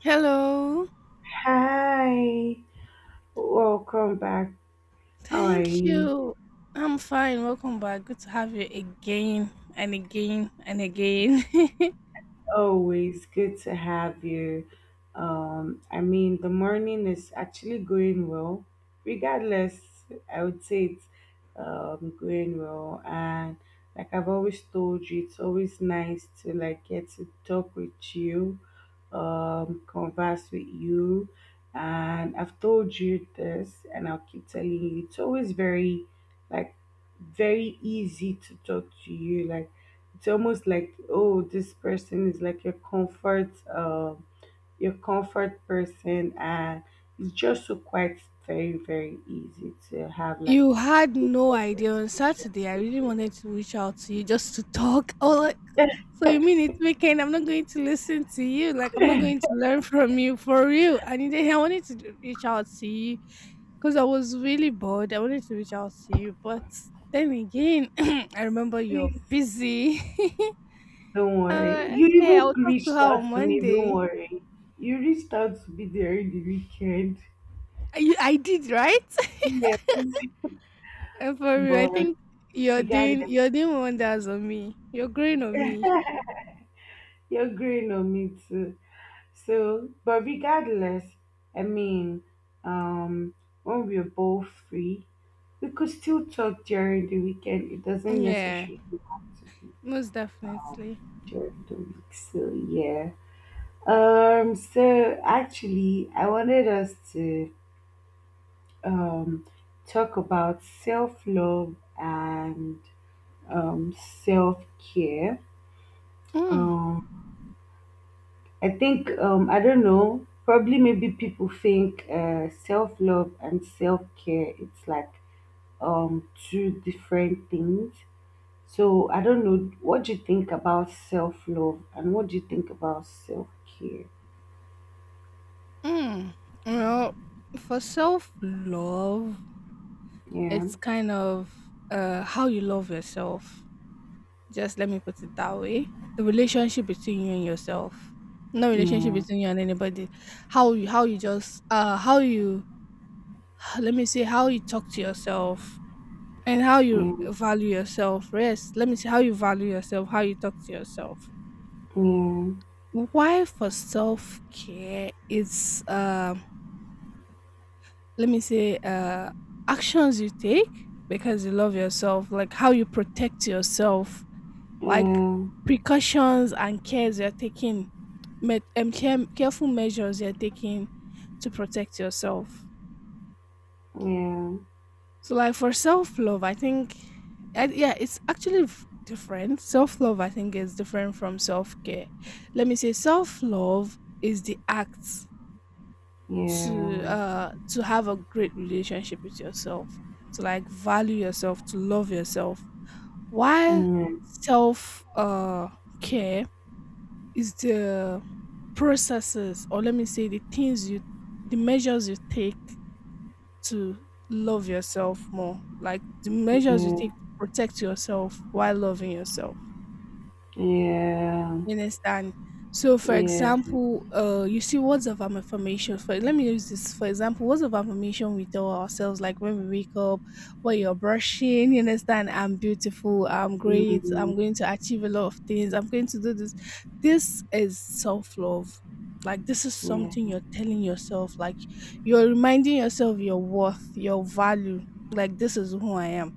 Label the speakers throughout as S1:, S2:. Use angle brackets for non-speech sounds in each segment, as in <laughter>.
S1: Hello.
S2: Hi, welcome back. How are
S1: Thank
S2: you?
S1: you. I'm fine. Welcome back. Good to have you again and again and again.
S2: Always good to have you. I mean, the morning is actually going well, regardless. I would say it's going well, and like I've always told you, it's always nice to like get to talk with you, converse with you, and I've told you this, and I'll keep telling you. It's always very like very easy to talk to you, like it's almost like, oh, this person is like your comfort person. And it's just so quite very very easy to have
S1: <laughs>
S2: like
S1: You had
S2: good
S1: no idea on Saturday.
S2: conversations
S1: I
S2: with
S1: really
S2: you.
S1: wanted to reach out to you just to talk. <laughs> Oh, like, so you mean it's weekend? I'm not going to listen to you. Like, I'm not going to learn from you for real. I wanted to reach out to you because I was really bored. I wanted to reach out to you, but then again, <clears throat> I remember you're
S2: Please
S1: busy. <laughs>
S2: don't
S1: I'm
S2: worry,
S1: like,
S2: you
S1: okay,
S2: even
S1: I'll talk to
S2: reached
S1: her on
S2: out to me. Don't
S1: Monday.
S2: worry, you reached out to be there in the weekend.
S1: I did, right? <laughs>
S2: Yes.
S1: And
S2: <laughs>
S1: for real, I
S2: But
S1: think you're
S2: regardless,
S1: doing you're doing wonders on me. You're growing on me.
S2: you're growing on me too. So, but regardless, I mean, um, when we are both free, we could still talk during the weekend. It doesn't
S1: Yeah,
S2: necessarily have to be
S1: most definitely.
S2: during the week. So yeah. So actually, I wanted us to um talk about self love and um self care.
S1: Mm.
S2: Um. I think I don't know. Probably maybe people think self love and self care it's like two different things. So I don't know. What do you think about self love and what do you think about self care?
S1: Mm. Well, for self love,
S2: Yeah,
S1: it's kind of how you love yourself. Just let me put it that way. The relationship between you and yourself, no relationship
S2: yeah,
S1: between you and anybody. How you just, how you, <sighs> let me see how you talk to yourself and how you
S2: yeah,
S1: value yourself. Rest. Let me see how you value yourself, how you talk to yourself.
S2: yeah, yeah,
S1: Why for self care is, let me say, actions you take because you love yourself, like how you protect yourself, like
S2: yeah,
S1: precautions and cares you're taking, careful measures you're taking to protect yourself.
S2: yeah,
S1: So, like for self love, I think, yeah, it's actually different. Self love, I think, is different from self care. Let me say, self love is the act to
S2: yeah,
S1: uh to have a great relationship with yourself, to like value yourself, to love yourself.
S2: yeah, yeah, yeah,
S1: While
S2: mm, yeah,
S1: self care is the processes, or let me say, the measures you take to love yourself more, like the measures you take
S2: mm,
S1: to protect yourself while loving yourself. You understand? So, for example, you see words of affirmation. For let me use this for example, words of affirmation we tell ourselves, like when we wake up, while you're brushing. You understand? I'm beautiful. I'm great. I'm going to achieve a lot of things. I'm going to do this. This is self love. Like this is something you're telling yourself. Like you're reminding yourself your worth, your value. Like this is who I am.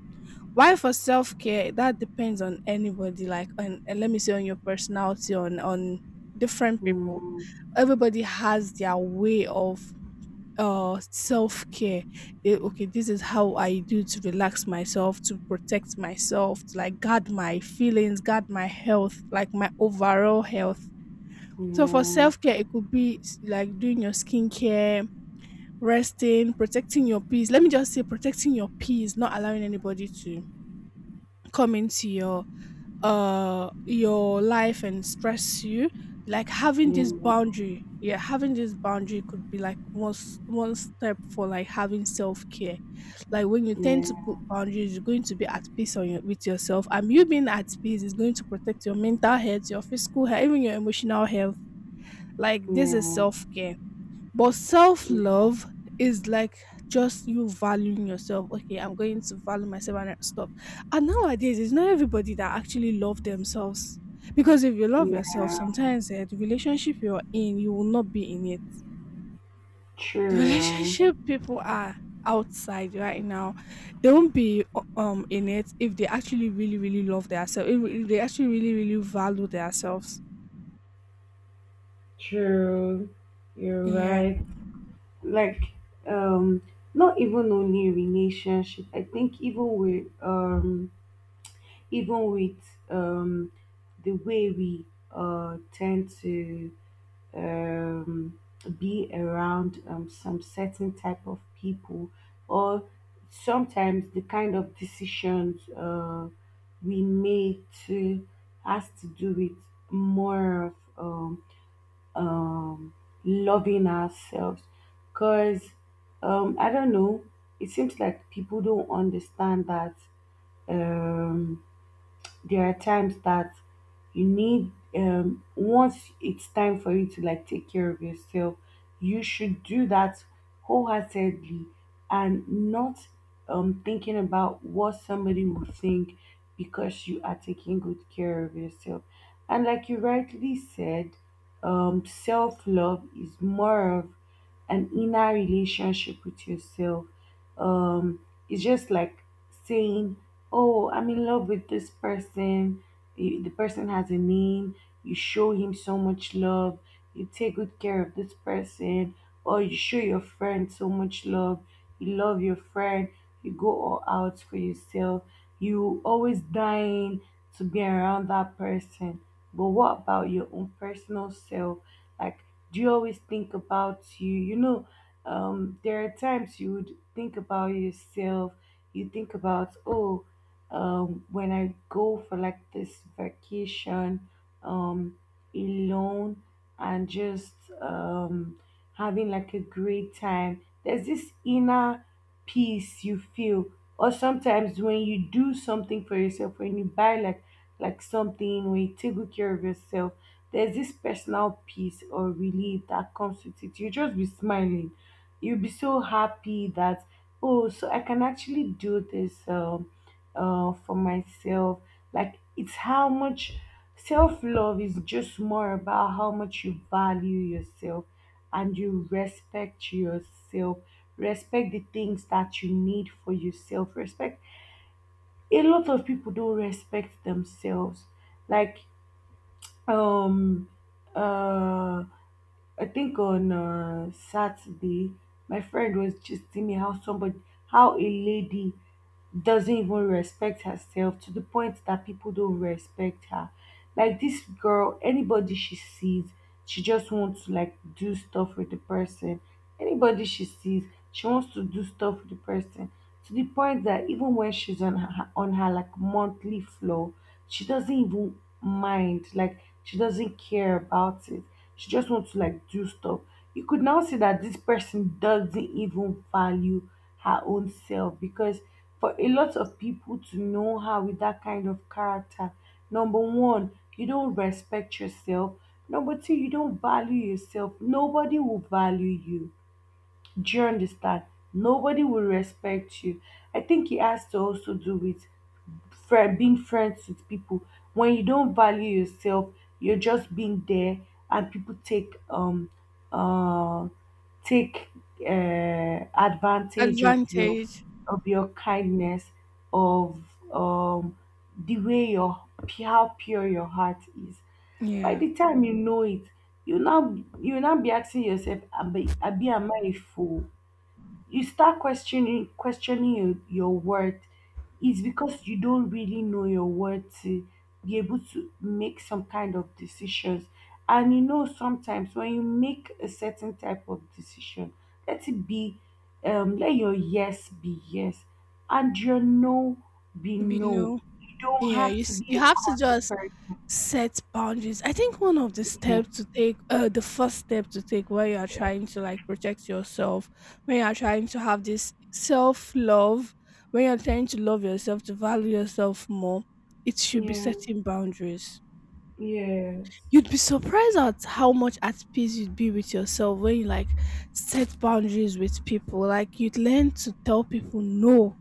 S1: Why for self care, that depends on anybody, like on and let me say on your personality, on different people. Everybody has their way of self care. Okay, this is how I do to relax myself, to protect myself, to like guard my feelings, guard my health, like my overall health. So for self care, it could be like doing your skincare, resting, protecting your peace. Let me just say protecting your peace, not allowing anybody to come into your life and stress you, like having this boundary, yeah, having this boundary could be like one step for like having self-care. Like when you
S2: yeah,
S1: tend to put
S2: yeah,
S1: boundaries, you're going to be at peace with yourself, and you being at peace is going to protect your mental health, your physical health, even your emotional health. Like
S2: yeah,
S1: this is
S2: yeah.
S1: self-care, but self
S2: Yeah.
S1: love is like just you valuing yourself. Okay, I'm going to value myself and stuff. And nowadays, it's not everybody that actually love themselves. Because if you love yourself,
S2: Yeah,
S1: sometimes the relationship you're in, you will not be in it. <laughs> The
S2: true,
S1: relationship people are outside right now, they won't be in it if they actually really really love themselves. If they actually really really value themselves.
S2: true. You're
S1: Yeah,
S2: right. Like, um, not even only relationship. I think even with the way we tend to um be around some certain type of people, or sometimes the kind of decisions we make to has to do with more of um, loving ourselves, because I don't know, it seems like people don't understand that. Um, there are times that you need, once it's time for you to like take care of yourself, you should do that wholeheartedly, and not thinking about what somebody will think, because you are taking good care of yourself. And like you rightly said, self-love is more of an inner relationship with yourself. um it's just like saying, oh, I'm in love with this person. The person has a name. You show him so much love. You take good care of this person. Or you show your friend so much love, you love your friend, you go all out for yourself, you always dying to be around that person. But what about your own personal self? Like, do you always think about you? You know There are times you would think about yourself. You think about, oh, when I go for like this vacation, um, alone, and just um, having like a great time, there's this inner peace you feel. Or sometimes when you do something for yourself, when you buy like something, when you take good care of yourself, there's this personal peace or relief that comes with it. You just be smiling. You'll be so happy that, oh, so I can actually do this. For myself. Like, it's how much self love is just more about how much you value yourself and you respect yourself. Respect the things that you need for yourself. Respect. A lot of people don't respect themselves. Like, um uh I think on Saturday my friend was just telling me how somebody, how a lady doesn't even respect herself to the point that people don't respect her. Like this girl, anybody she sees, she just wants to like do stuff with the person. Anybody she sees, she wants to do stuff with the person, to the point that even when she's on her like monthly flow, she doesn't even mind. Like, she doesn't care about it. She just wants to like do stuff. You could now see that this person doesn't even value her own self, because for a lot of people to know her with that kind of character, number one, you don't respect yourself. Number two, you don't value yourself. Nobody will value you. Do you understand? Nobody will respect you. I think it has to also do with friend being friends with people. When you don't value yourself, you're just being there, and people uh take advantage of your
S1: advantage.
S2: of your kindness, of um the way your, how pure your heart is. By
S1: Yeah,
S2: the time you know it, you now be asking yourself, abi abi am I a fool? You start questioning your worth, is because you don't really know your worth to be able to make some kind of decisions. And you know, sometimes when you make a certain type of decision, let it be, let your yes be yes, and your no be
S1: be
S2: no.
S1: no.
S2: You don't
S1: Yeah,
S2: have
S1: you
S2: to
S1: s-
S2: be
S1: you
S2: a
S1: have to
S2: cunning
S1: just
S2: person.
S1: set boundaries. I think one of the steps to take, the first step to take when you are trying to like protect yourself, when you are trying to have this self love, when you're trying to love yourself, to value yourself more, it should be
S2: Yeah,
S1: setting boundaries.
S2: yeah, yes,
S1: You'd be surprised at how much at peace you'd be with yourself when you like set boundaries with people. Like you'd learn to tell people no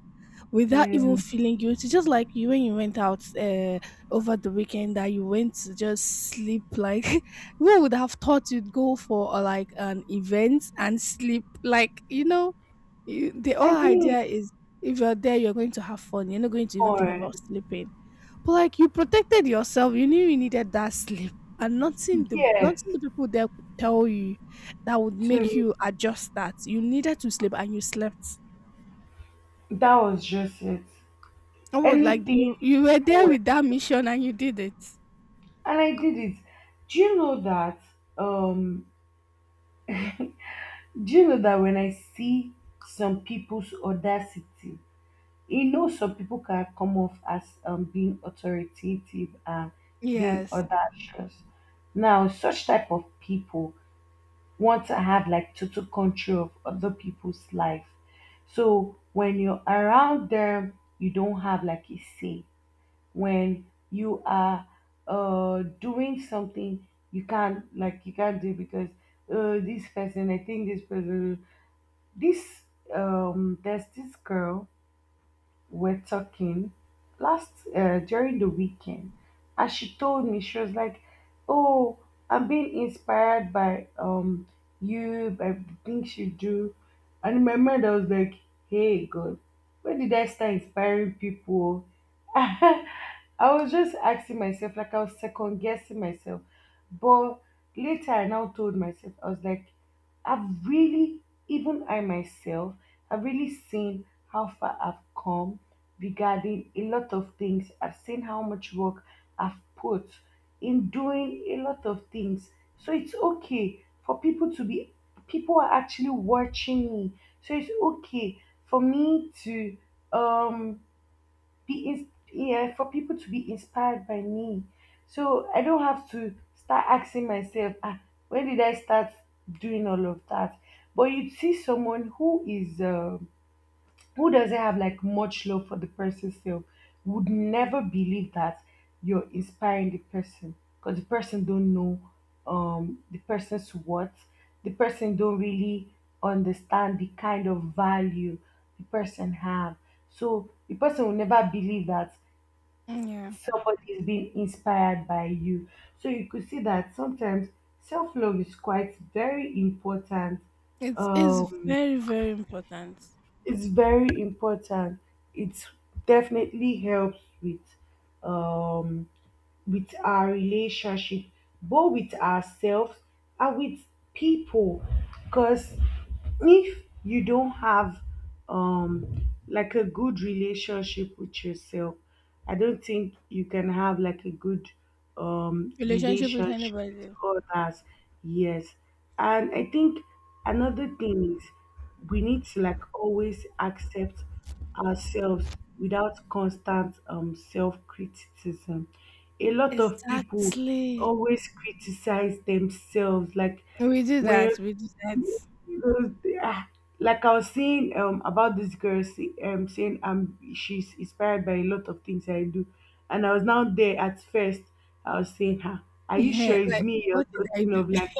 S1: without even
S2: yeah.
S1: feeling guilty, just like you when you went out, over the weekend, that you went to just sleep like <laughs> who would have thought you'd go for, like an event and sleep. Like, you, the
S2: I
S1: whole
S2: mean,
S1: idea is if you're there you're going to have fun, you're not going to even
S2: for
S1: think about sleeping, but like you protected yourself, you knew you needed that sleep, and nothing the
S2: yes
S1: nothing the people there could tell you that would make
S2: to
S1: you adjust that you needed to sleep, and you slept.
S2: that was just it.
S1: Oh, like
S2: Anything
S1: you were
S2: people
S1: there
S2: were,
S1: with that mission and you did it.
S2: and I did it. Do you know that? Um, do you know that when I see some people's audacity, some people can come off as being authoritative and being
S1: Yes.
S2: audacious. Now, such type of people want to have like total control of other people's life. So when you're around them, you don't have like a say when you are doing something you can't, like, you can't do, because this person, I think this person, this, there's this girl we're talking last, during the weekend, and she told me, she was like, oh, I'm being inspired by, you, by the things you do. And in my mind I was like, hey God, when did I start inspiring people? <laughs> I was just asking myself, like I was second guessing myself. But later I now told myself, I was like, I've really, even I myself, I've really seen how far I've come regarding a lot of things. I've seen how much work I've put in doing a lot of things. So it's okay for people to be, people are actually watching me. So it's okay for me to, um, be yeah, for people to be inspired by me. So I don't have to start asking myself, ah, when did I start doing all of that? But you see someone who is, who doesn't have like much love for the person self would never believe that you're inspiring the person, because the person don't know, the person's what, the person don't really understand the kind of value the person have, so the person will never believe that
S1: Yeah.
S2: somebody's being inspired by you. So you could see that sometimes self love is quite very important.
S1: It's
S2: Um,
S1: very, very important.
S2: it's very important. It definitely helps with um, our relationship, both with ourselves and with people. Because if you don't have like a good relationship with yourself, I don't think you can have like a good
S1: Relationship with
S2: relationship with
S1: anybody.
S2: others. Yes. And I think another thing is, we need to like always accept ourselves without constant self criticism. A lot of people
S1: Exactly.
S2: always criticize themselves, like
S1: We do
S2: when
S1: that. We do that.
S2: you know, ah, like I was saying, about this girl saying, she's inspired by a lot of things I do, and I was now there at first. I was saying, "Huh, are you
S1: Yeah.
S2: sure
S1: <laughs>
S2: it's
S1: Like
S2: me
S1: what
S2: you're
S1: did I
S2: talking
S1: do?
S2: of?" Like,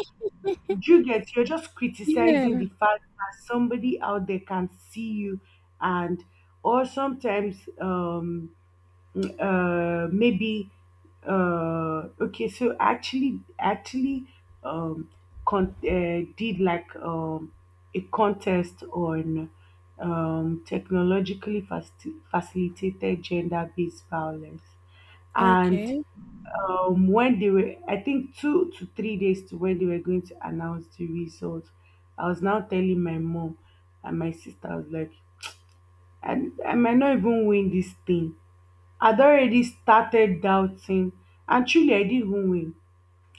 S2: do you get, you're just
S1: <laughs>
S2: criticizing
S1: Yeah.
S2: the fact that somebody out there can see you. And or sometimes, maybe, okay, so actually, um, did like, a contest on, technologically facilitated gender-based violence. And
S1: Okay.
S2: when they were, I think, 2 to 3 days to when they were going to announce the results, I was now telling my mom and my sister. I was like, i, I might not even win this thing. I'd already started doubting, and truly, I didn't even win.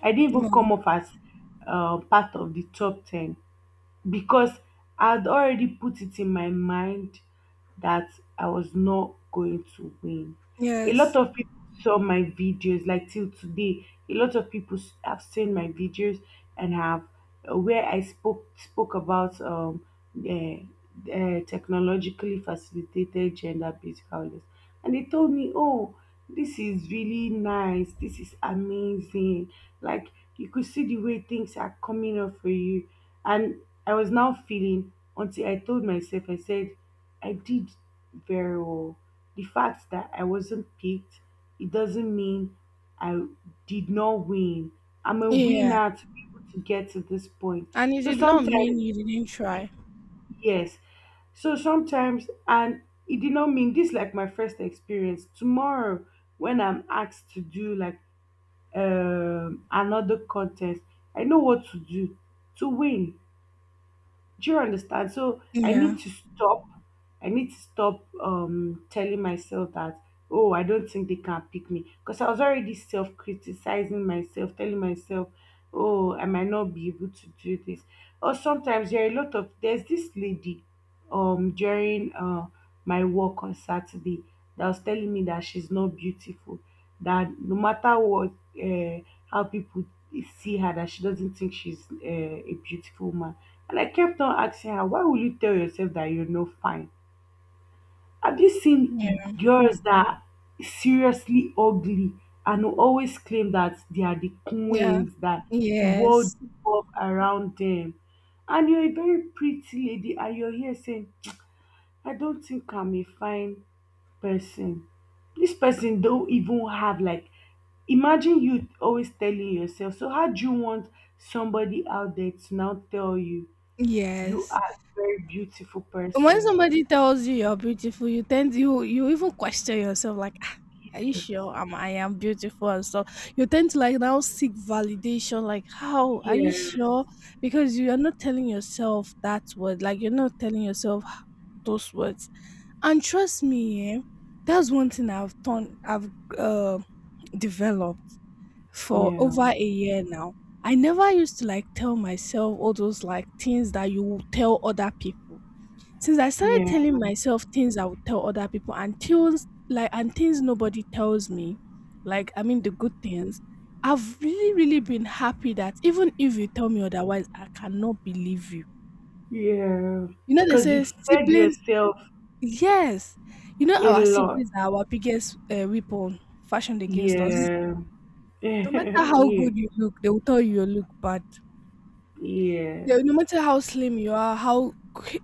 S2: I didn't even
S1: Well,
S2: come up as, part of the top 10, because I'd already put it in my mind that I was not going to win. A lot
S1: yes.
S2: of people saw my videos, like till today, a lot of people have seen my videos, and have, where I spoke about, uh, technologically facilitated gender-based violence, and they told me, "Oh, this is really nice. This is amazing. Like, you could see the way things are coming up for you." And I was now feeling, until I told myself, I said, I did very well. The fact that I wasn't picked, it doesn't mean I did not win. I'm a
S1: Yeah.
S2: winner to be able to get to this point.
S1: And it
S2: So
S1: did not
S2: sometimes,
S1: mean you didn't try.
S2: yes, so sometimes, and it did not mean this, like my first experience. Tomorrow, when I'm asked to do like, another contest. I know what to do to win. Do you understand? So I
S1: Yeah.
S2: need to stop. I need to stop telling myself that, oh, I don't think they can pick me, because I was already self criticizing myself, telling myself, oh, I might not be able to do this. Or sometimes there are a lot of there's this lady during my work on Saturday that was telling me that she's not beautiful. That no matter what, uh, how people see her, that she doesn't think she's a beautiful woman. And I kept on asking her, why will you tell yourself that you're not fine? Have you seen
S1: Yeah.
S2: girls that are seriously ugly and who always claim that they are the
S1: Yeah.
S2: queens, that the world
S1: Yes.
S2: revolves around them? And you're a very pretty lady and you're here saying, I don't think I'm a fine person. This person don't even have, like, imagine you always telling yourself. So how do you want somebody out there to now tell you you
S1: Yes.
S2: are a very beautiful
S1: And when
S2: person?
S1: somebody tells you you're beautiful, you tend, you even question yourself like, "Ah, are you
S2: Yes.
S1: sure I am beautiful and stuff?" You tend to like now seek validation like, how are you
S2: Yes.
S1: sure? Because you are not telling yourself that word, like you're not telling yourself those words. And trust me, that's one thing I've done. I've, uh, developed for
S2: Yeah.
S1: over a year now. I never used to like tell myself all those like things that you will tell other people. Since I started
S2: Yeah.
S1: telling myself things I would tell other people, and things nobody tells me, like I mean the good things, I've really, really been happy that even if you tell me otherwise, I cannot believe you.
S2: Yeah.
S1: You know, they
S2: Because you
S1: say
S2: fed
S1: siblings.
S2: yourself
S1: Yes. You know
S2: a
S1: our
S2: lot.
S1: siblings are our biggest, weapon fashioned against us. Mhm.
S2: Yeah. <laughs>
S1: No matter how
S2: yeah.
S1: good you look, they will tell you you look bad.
S2: Yeah.
S1: No matter how slim you are, how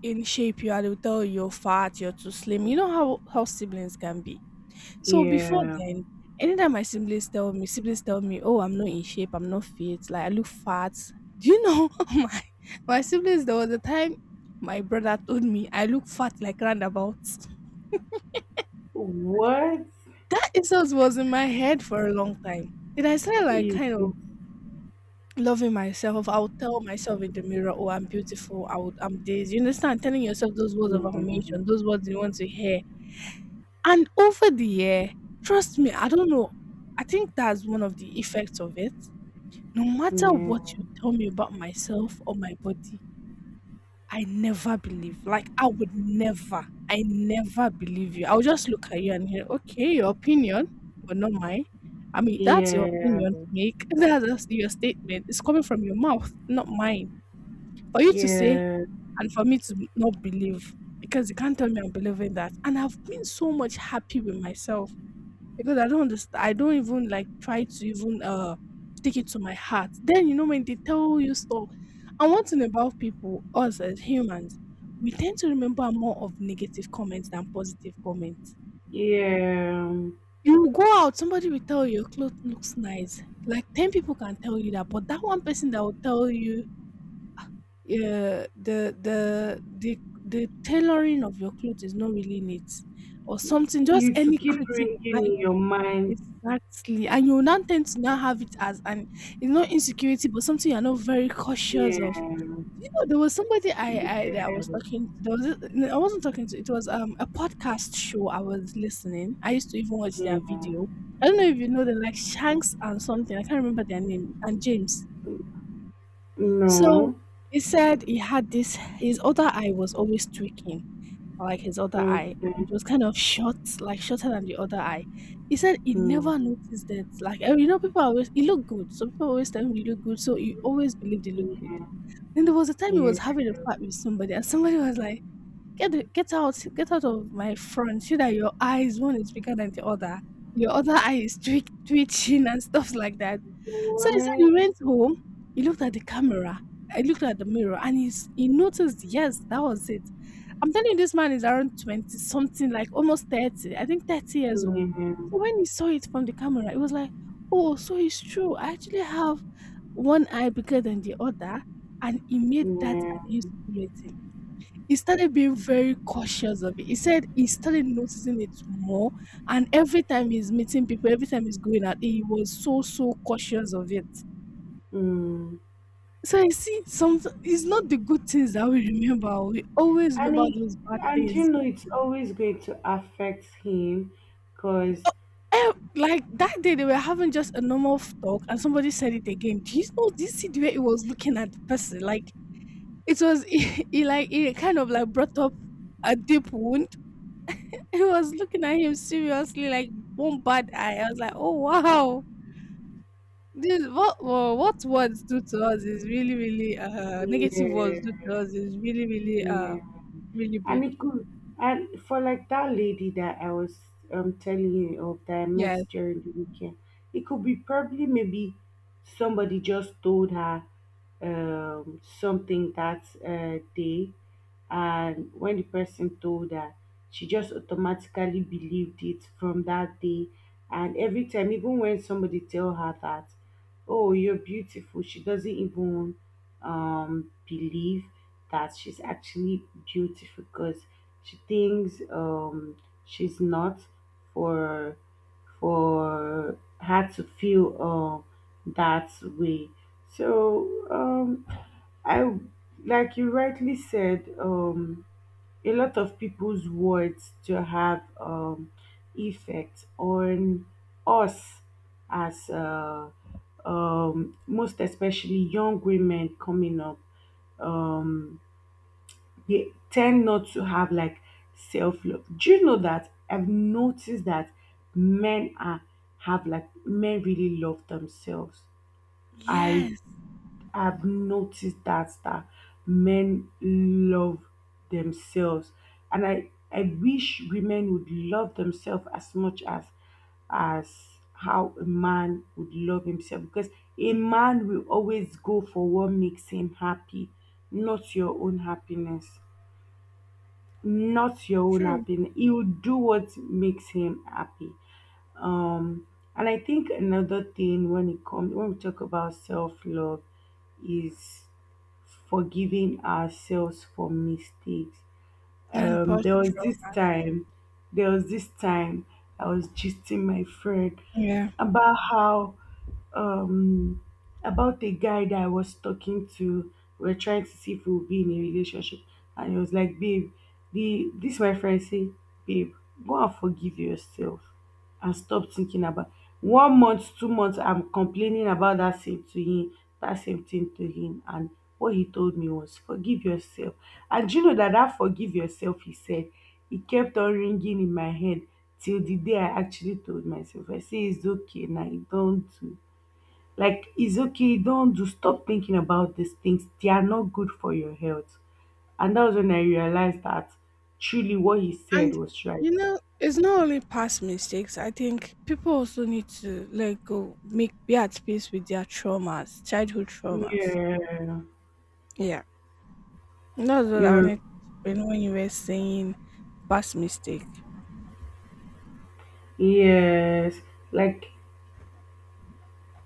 S1: in shape you are, they will tell you you're fat, you're too slim. You know how siblings can be. So before
S2: Yeah.
S1: then, anytime my siblings tell me, oh, I'm not in shape, I'm not fit, like I look fat. Do you know <laughs> my my siblings? There was a time my brother told me I look fat, like roundabout.
S2: What?
S1: That insult was in my head for a long time. Then I started like
S2: Is
S1: kind of loving myself. I would tell myself in the mirror, "Oh, I'm beautiful. I would, I'm this." You understand? Telling yourself those words of affirmation,
S2: this?
S1: those words you want to hear. And over the year, trust me, I don't know. I think that's one of the effects of it. No matter
S2: Yeah.
S1: what you tell me about myself or my body, I never believe. Like I would never, I never believe you. I'll just look at you and hear, okay, your opinion, but not mine. I mean, that's your
S2: Yeah,
S1: opinion to make. <laughs> That's your statement. It's coming from your mouth, not mine. For you to say
S2: yeah,
S1: and for me to not believe, because you can't tell me I'm believing that. And I've been so much happy with myself because I don't understand. I don't even like try to even take it to my heart. Then you know when they tell you stuff, and one thing about people, us as humans, we tend to remember more of negative comments than positive comments.
S2: yeah.
S1: You will go out, somebody will tell you your clothes looks nice. Like 10 people can tell you that, but that one person that will tell you, uh, the the the the tailoring of your clothes is not really neat or something. Just
S2: It's
S1: any
S2: keep
S1: critic,
S2: ringing
S1: like.
S2: in your mind.
S1: Exactly. And you will now tend to now have it as, an it's not insecurity, but something you're not very cautious
S2: Yeah,
S1: of. You know, there was somebody I
S2: yeah,
S1: that I was talking to. There was no, I wasn't talking to. It was a podcast show I was listening. I used to even watch their
S2: yeah.
S1: video. I don't know if you know them, like Shanks and something. I can't remember their name, and James. So
S2: No.
S1: he said he had this. His other eye was always tweaking, or like his other eye, and
S2: Okay.
S1: it was kind of short, like shorter than the other eye. He said he never
S2: Hmm.
S1: noticed that. Like, and you know, people are always, he looked good. So people always tell him he looked good. So he always believed he looked good. Then there was a time he was
S2: Yeah.
S1: having a fight with somebody, and somebody was like, Get out, get out of my front. See that your eyes one is bigger than the other. Your other eye is twitching and stuff like that." So he said
S2: Why?
S1: he went home, he looked at the camera, he looked at the mirror, and he noticed, yes, that was it. I'm telling you, this man is around 20 something, like almost 30, I think 30 years old.
S2: Yeah,
S1: So when he saw it from the camera, it was like, oh, so it's true. I actually have one eye bigger than the other. And he made that
S2: yeah.
S1: an insecurity. He started being very cautious of it. He said he started noticing it more. And every time he's meeting people, every time he's going out, he was so, so cautious of it.
S2: Mm.
S1: So I see some it's not the good things that we remember. We always
S2: And
S1: remember
S2: he,
S1: those bad
S2: and you
S1: things.
S2: know, it's always going to affect him, cause
S1: Like that day they were having just a normal talk, and somebody said it again. Do you see the way it was looking at the person? Like it was <laughs> He, like, it kind of like brought up a deep wound. He was looking at him seriously like one bad eye. I was like, oh wow. This, what words do to us is really, really, negative words
S2: yeah.
S1: do to us is really, really,
S2: Yeah.
S1: really
S2: And
S1: big.
S2: it could, and for like that lady that I was telling you of, that I
S1: Yeah.
S2: met during the weekend, it could be probably maybe somebody just told her something that day, and when the person told her, she just automatically believed it from that day. And every time, even when somebody tell her that, oh, you're beautiful, she doesn't even believe that she's actually beautiful, because she thinks she's not for for her to feel that way. So I, like you rightly said. A lot of people's words to have effect on us as most especially young women coming up, um, they tend not to have like self-love. Do you know that I've noticed that men are, have like, men really love themselves? i
S1: Yes,
S2: I've noticed that, that men love themselves, and I wish women would love themselves as much as how a man would love himself, because a man will always go for what makes him happy, not your own happiness. Not your own
S1: true.
S2: happiness. He will do what makes him happy. Um and I think another thing when it comes, when we talk about self love, is forgiving ourselves for mistakes.
S1: And
S2: Um, there was
S1: posture.
S2: this time, there was this time I was gisting my friend
S1: Yeah.
S2: about how, um about a guy that I was talking to. We are trying to see if we'll be in a relationship, and he was like, "Babe, the, this my friend say, babe, go and forgive yourself," and stop thinking about one month, two months. I'm complaining about that same to him, that same thing to him. And what he told me was, forgive yourself. And do you know that that forgive yourself, he said, it kept on ringing in my head till the day I actually told myself, I say, it's okay now, you don't do. Like, it's okay, you don't do. Stop thinking about these things. They are not good for your health. And that was when I realized that truly what he
S1: And
S2: said was right.
S1: you know, it's not only past mistakes. I think people also need to let go, make be at peace with their traumas, childhood traumas.
S2: Yeah,
S1: Yeah. That's what I
S2: you're.
S1: wanted to know, when you were saying past mistake.
S2: Yes, like,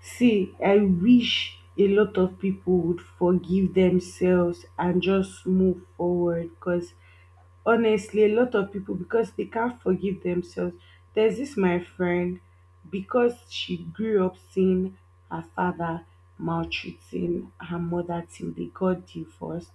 S2: see, I wish a lot of people would forgive themselves and just move forward, because honestly, a lot of people, because they can't forgive themselves. There's this my friend, because she grew up seeing her father maltreating her mother till they got divorced.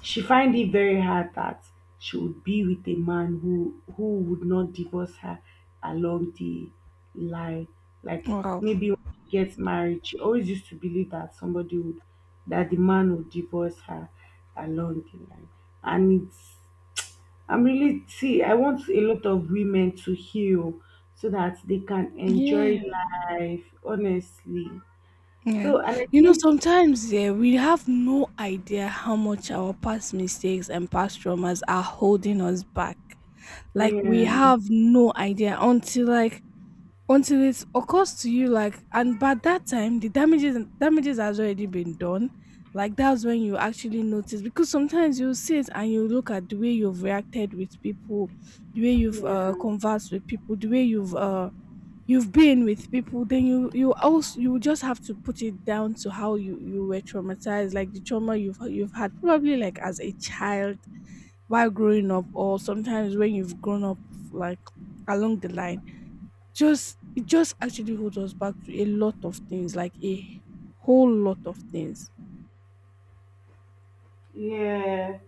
S2: She find it very hard that she would be with a man who would not divorce her along the line. Like,
S1: Wow.
S2: maybe when she gets married, she always used to believe that somebody would, that the man would divorce her along the line. And it's, I'm really, see, I want a lot of women to heal so that they can enjoy
S1: Yeah.
S2: life, honestly.
S1: Yeah.
S2: So, and I
S1: You know,
S2: think,
S1: sometimes yeah, we have no idea how much our past mistakes and past traumas are holding us back. Like we
S2: yeah.
S1: have no idea until it occurs to you, like, and by that time the damages has already been done. Like that's when you actually notice, because sometimes you see it and you look at the way you've reacted with people, the way you've,
S2: Yeah.
S1: conversed with people, the way you've been with people. Then you just have to put it down to how you were traumatized, like the trauma you've had probably like as a child while growing up, or sometimes when you've grown up, like along the line. Just it just actually holds us back to a lot of things, like a whole lot of things.
S2: Yeah.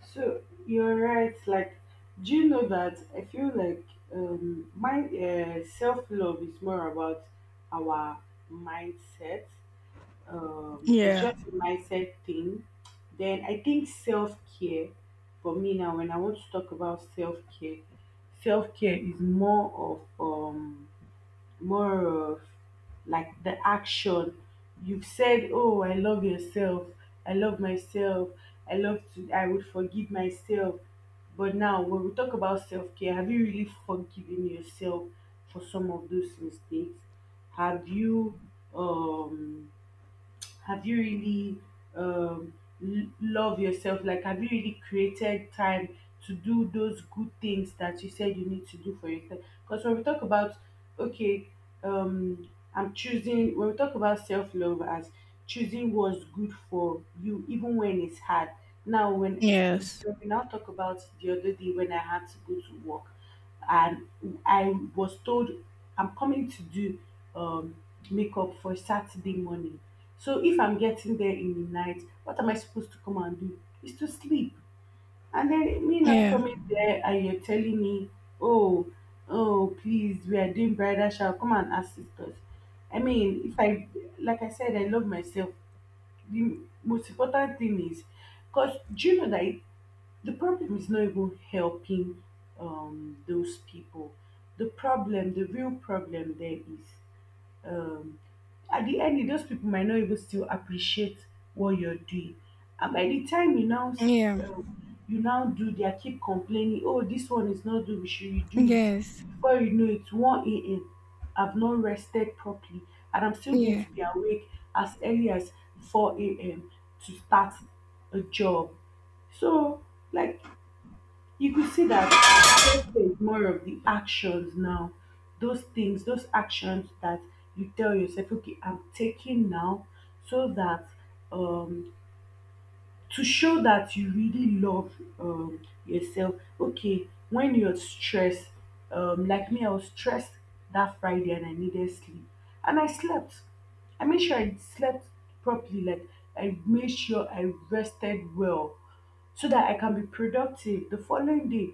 S2: So you're right. Like, do you know that I feel like my self love is more about our mindset. It's
S1: Yeah.
S2: just a mindset thing. Then I think self care for me now. When I want to talk about self care is more of more of like the action. You've said, oh, I love yourself. I love myself. I love to, I would forgive myself. But now, when we talk about self care, have you really forgiven yourself for some of those mistakes? Have you, um, have you really um, love yourself? Like, have you really created time to do those good things that you said you need to do for yourself? Because when we talk about, okay, I'm choosing, when we talk about self love as choosing what's good for you, even when it's hard. Now,
S1: Yes.
S2: when we now talk about the other day when I had to go to work, and I was told I'm coming to do um, makeup for Saturday morning. So if I'm getting there in the night, what am I supposed to come and do? Is to sleep. And then me now
S1: Yeah.
S2: coming there and you're telling me, oh, oh, please, we are doing bridal shower. Come and assist us. I mean, if I, like I said, I love myself. The most important thing is, because do you know that the problem is not even helping those people. The real problem there is um at the end those people might not even still appreciate what you're doing. And by the time you now
S1: Yeah.
S2: you now do, they are keep complaining, oh, this one is not doing. Should you do it?
S1: Yes.
S2: Before you know it, 1 a.m, I've not rested properly, and I'm still going
S1: Yeah.
S2: to be awake as early as 4 a.m to start a job. So, like, you could see that obsessed is more of the actions now, those things, those actions that you tell yourself, okay, I'm taking now, so that, um to show that you really love yourself. Okay, when you're stressed, like me, I was stressed that Friday and I needed sleep. And I slept. I made sure I slept properly. Like, I made sure I rested well so that I can be productive the following day.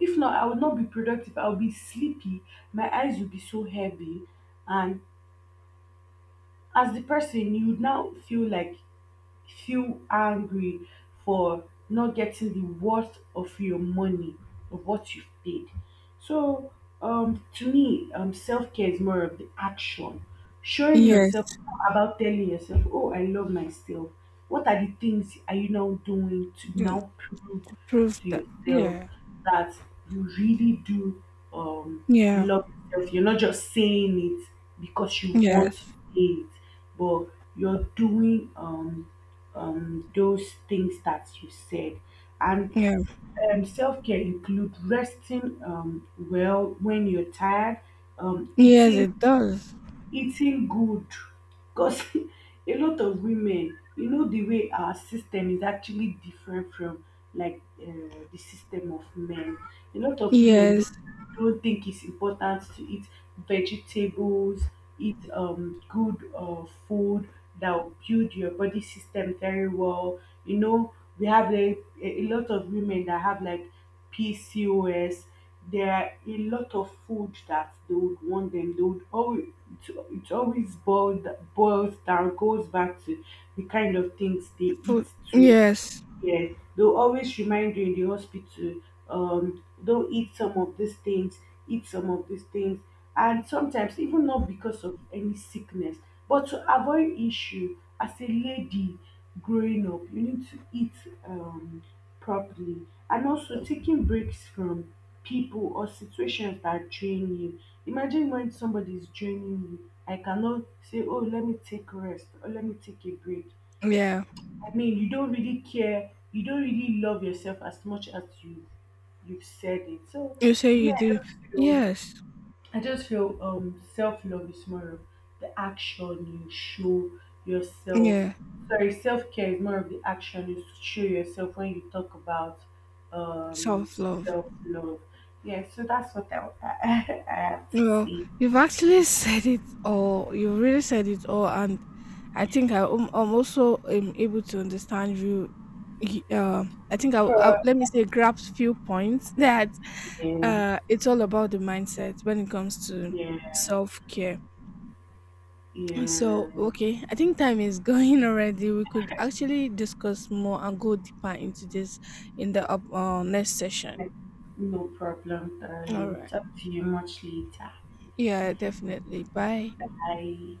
S2: If not, I will not be productive. I'll be sleepy. My eyes will be so heavy. And as the person, you would now feel like feel angry for not getting the worth of your money, of what you've paid. So to me, self-care is more of the action, showing
S1: Yes.
S2: yourself, about telling yourself, oh, I love myself. What are the things are you now doing to
S1: Yeah.
S2: now prove
S1: Prove
S2: to
S1: that,
S2: yourself
S1: yeah.
S2: that you really do um
S1: Yeah.
S2: love yourself? You're not just saying it because you want to
S1: Yes.
S2: say it, but you're doing those things that you said. And
S1: Yeah.
S2: self care includes resting well when you're tired, um,
S1: Yes, it
S2: eating
S1: does.
S2: eating good, because <laughs> a lot of women, you know, the way our system is actually different from like the system of men, a lot of women
S1: Yes.
S2: don't think it's important to eat vegetables, eat good food that will build your body system very well. You know, we have like a lot of women that have like pcos. There are a lot of food that they would want them, they would always, it always boiled boils down, goes back to the kind of things they eat
S1: Food.
S2: too.
S1: Yes.
S2: Yeah, they'll always remind you in the hospital, don't eat some of these things, eat some of these things. And sometimes, even not because of any sickness, but to avoid issue, as a lady growing up, you need to eat um, properly. And also taking breaks from people or situations that drain you. Imagine when somebody is draining you. I cannot say, oh, let me take rest, or let me take a break.
S1: Yeah.
S2: I mean, you don't really care, you don't really love yourself as much as you you've said it. So
S1: You say
S2: to
S1: you
S2: me,
S1: do. Yes.
S2: I just feel self love is more of the action you show yourself.
S1: Yeah.
S2: Sorry, self care is more of the action you show yourself when you talk about um
S1: Self love.
S2: self love. Yeah, so that's what I, <laughs> I, have to
S1: Well,
S2: say.
S1: you've actually <laughs> said it all. You really said it all, and I think I, am I'm also am able to understand you. Y- Uh, I think I
S2: For
S1: let me say, grasp few points <laughs> that,
S2: you.
S1: it's all about the mindset when it comes to
S2: Yeah,
S1: self care. <clears throat> So
S2: yeah.
S1: okay, I think time is <laughs> going already. We could actually discuss more and go deeper into this in the next session.
S2: Like, no problem,
S1: All
S2: darling.
S1: right.
S2: Talk to you much later.
S1: Yeah, definitely. Bye.
S2: Bye.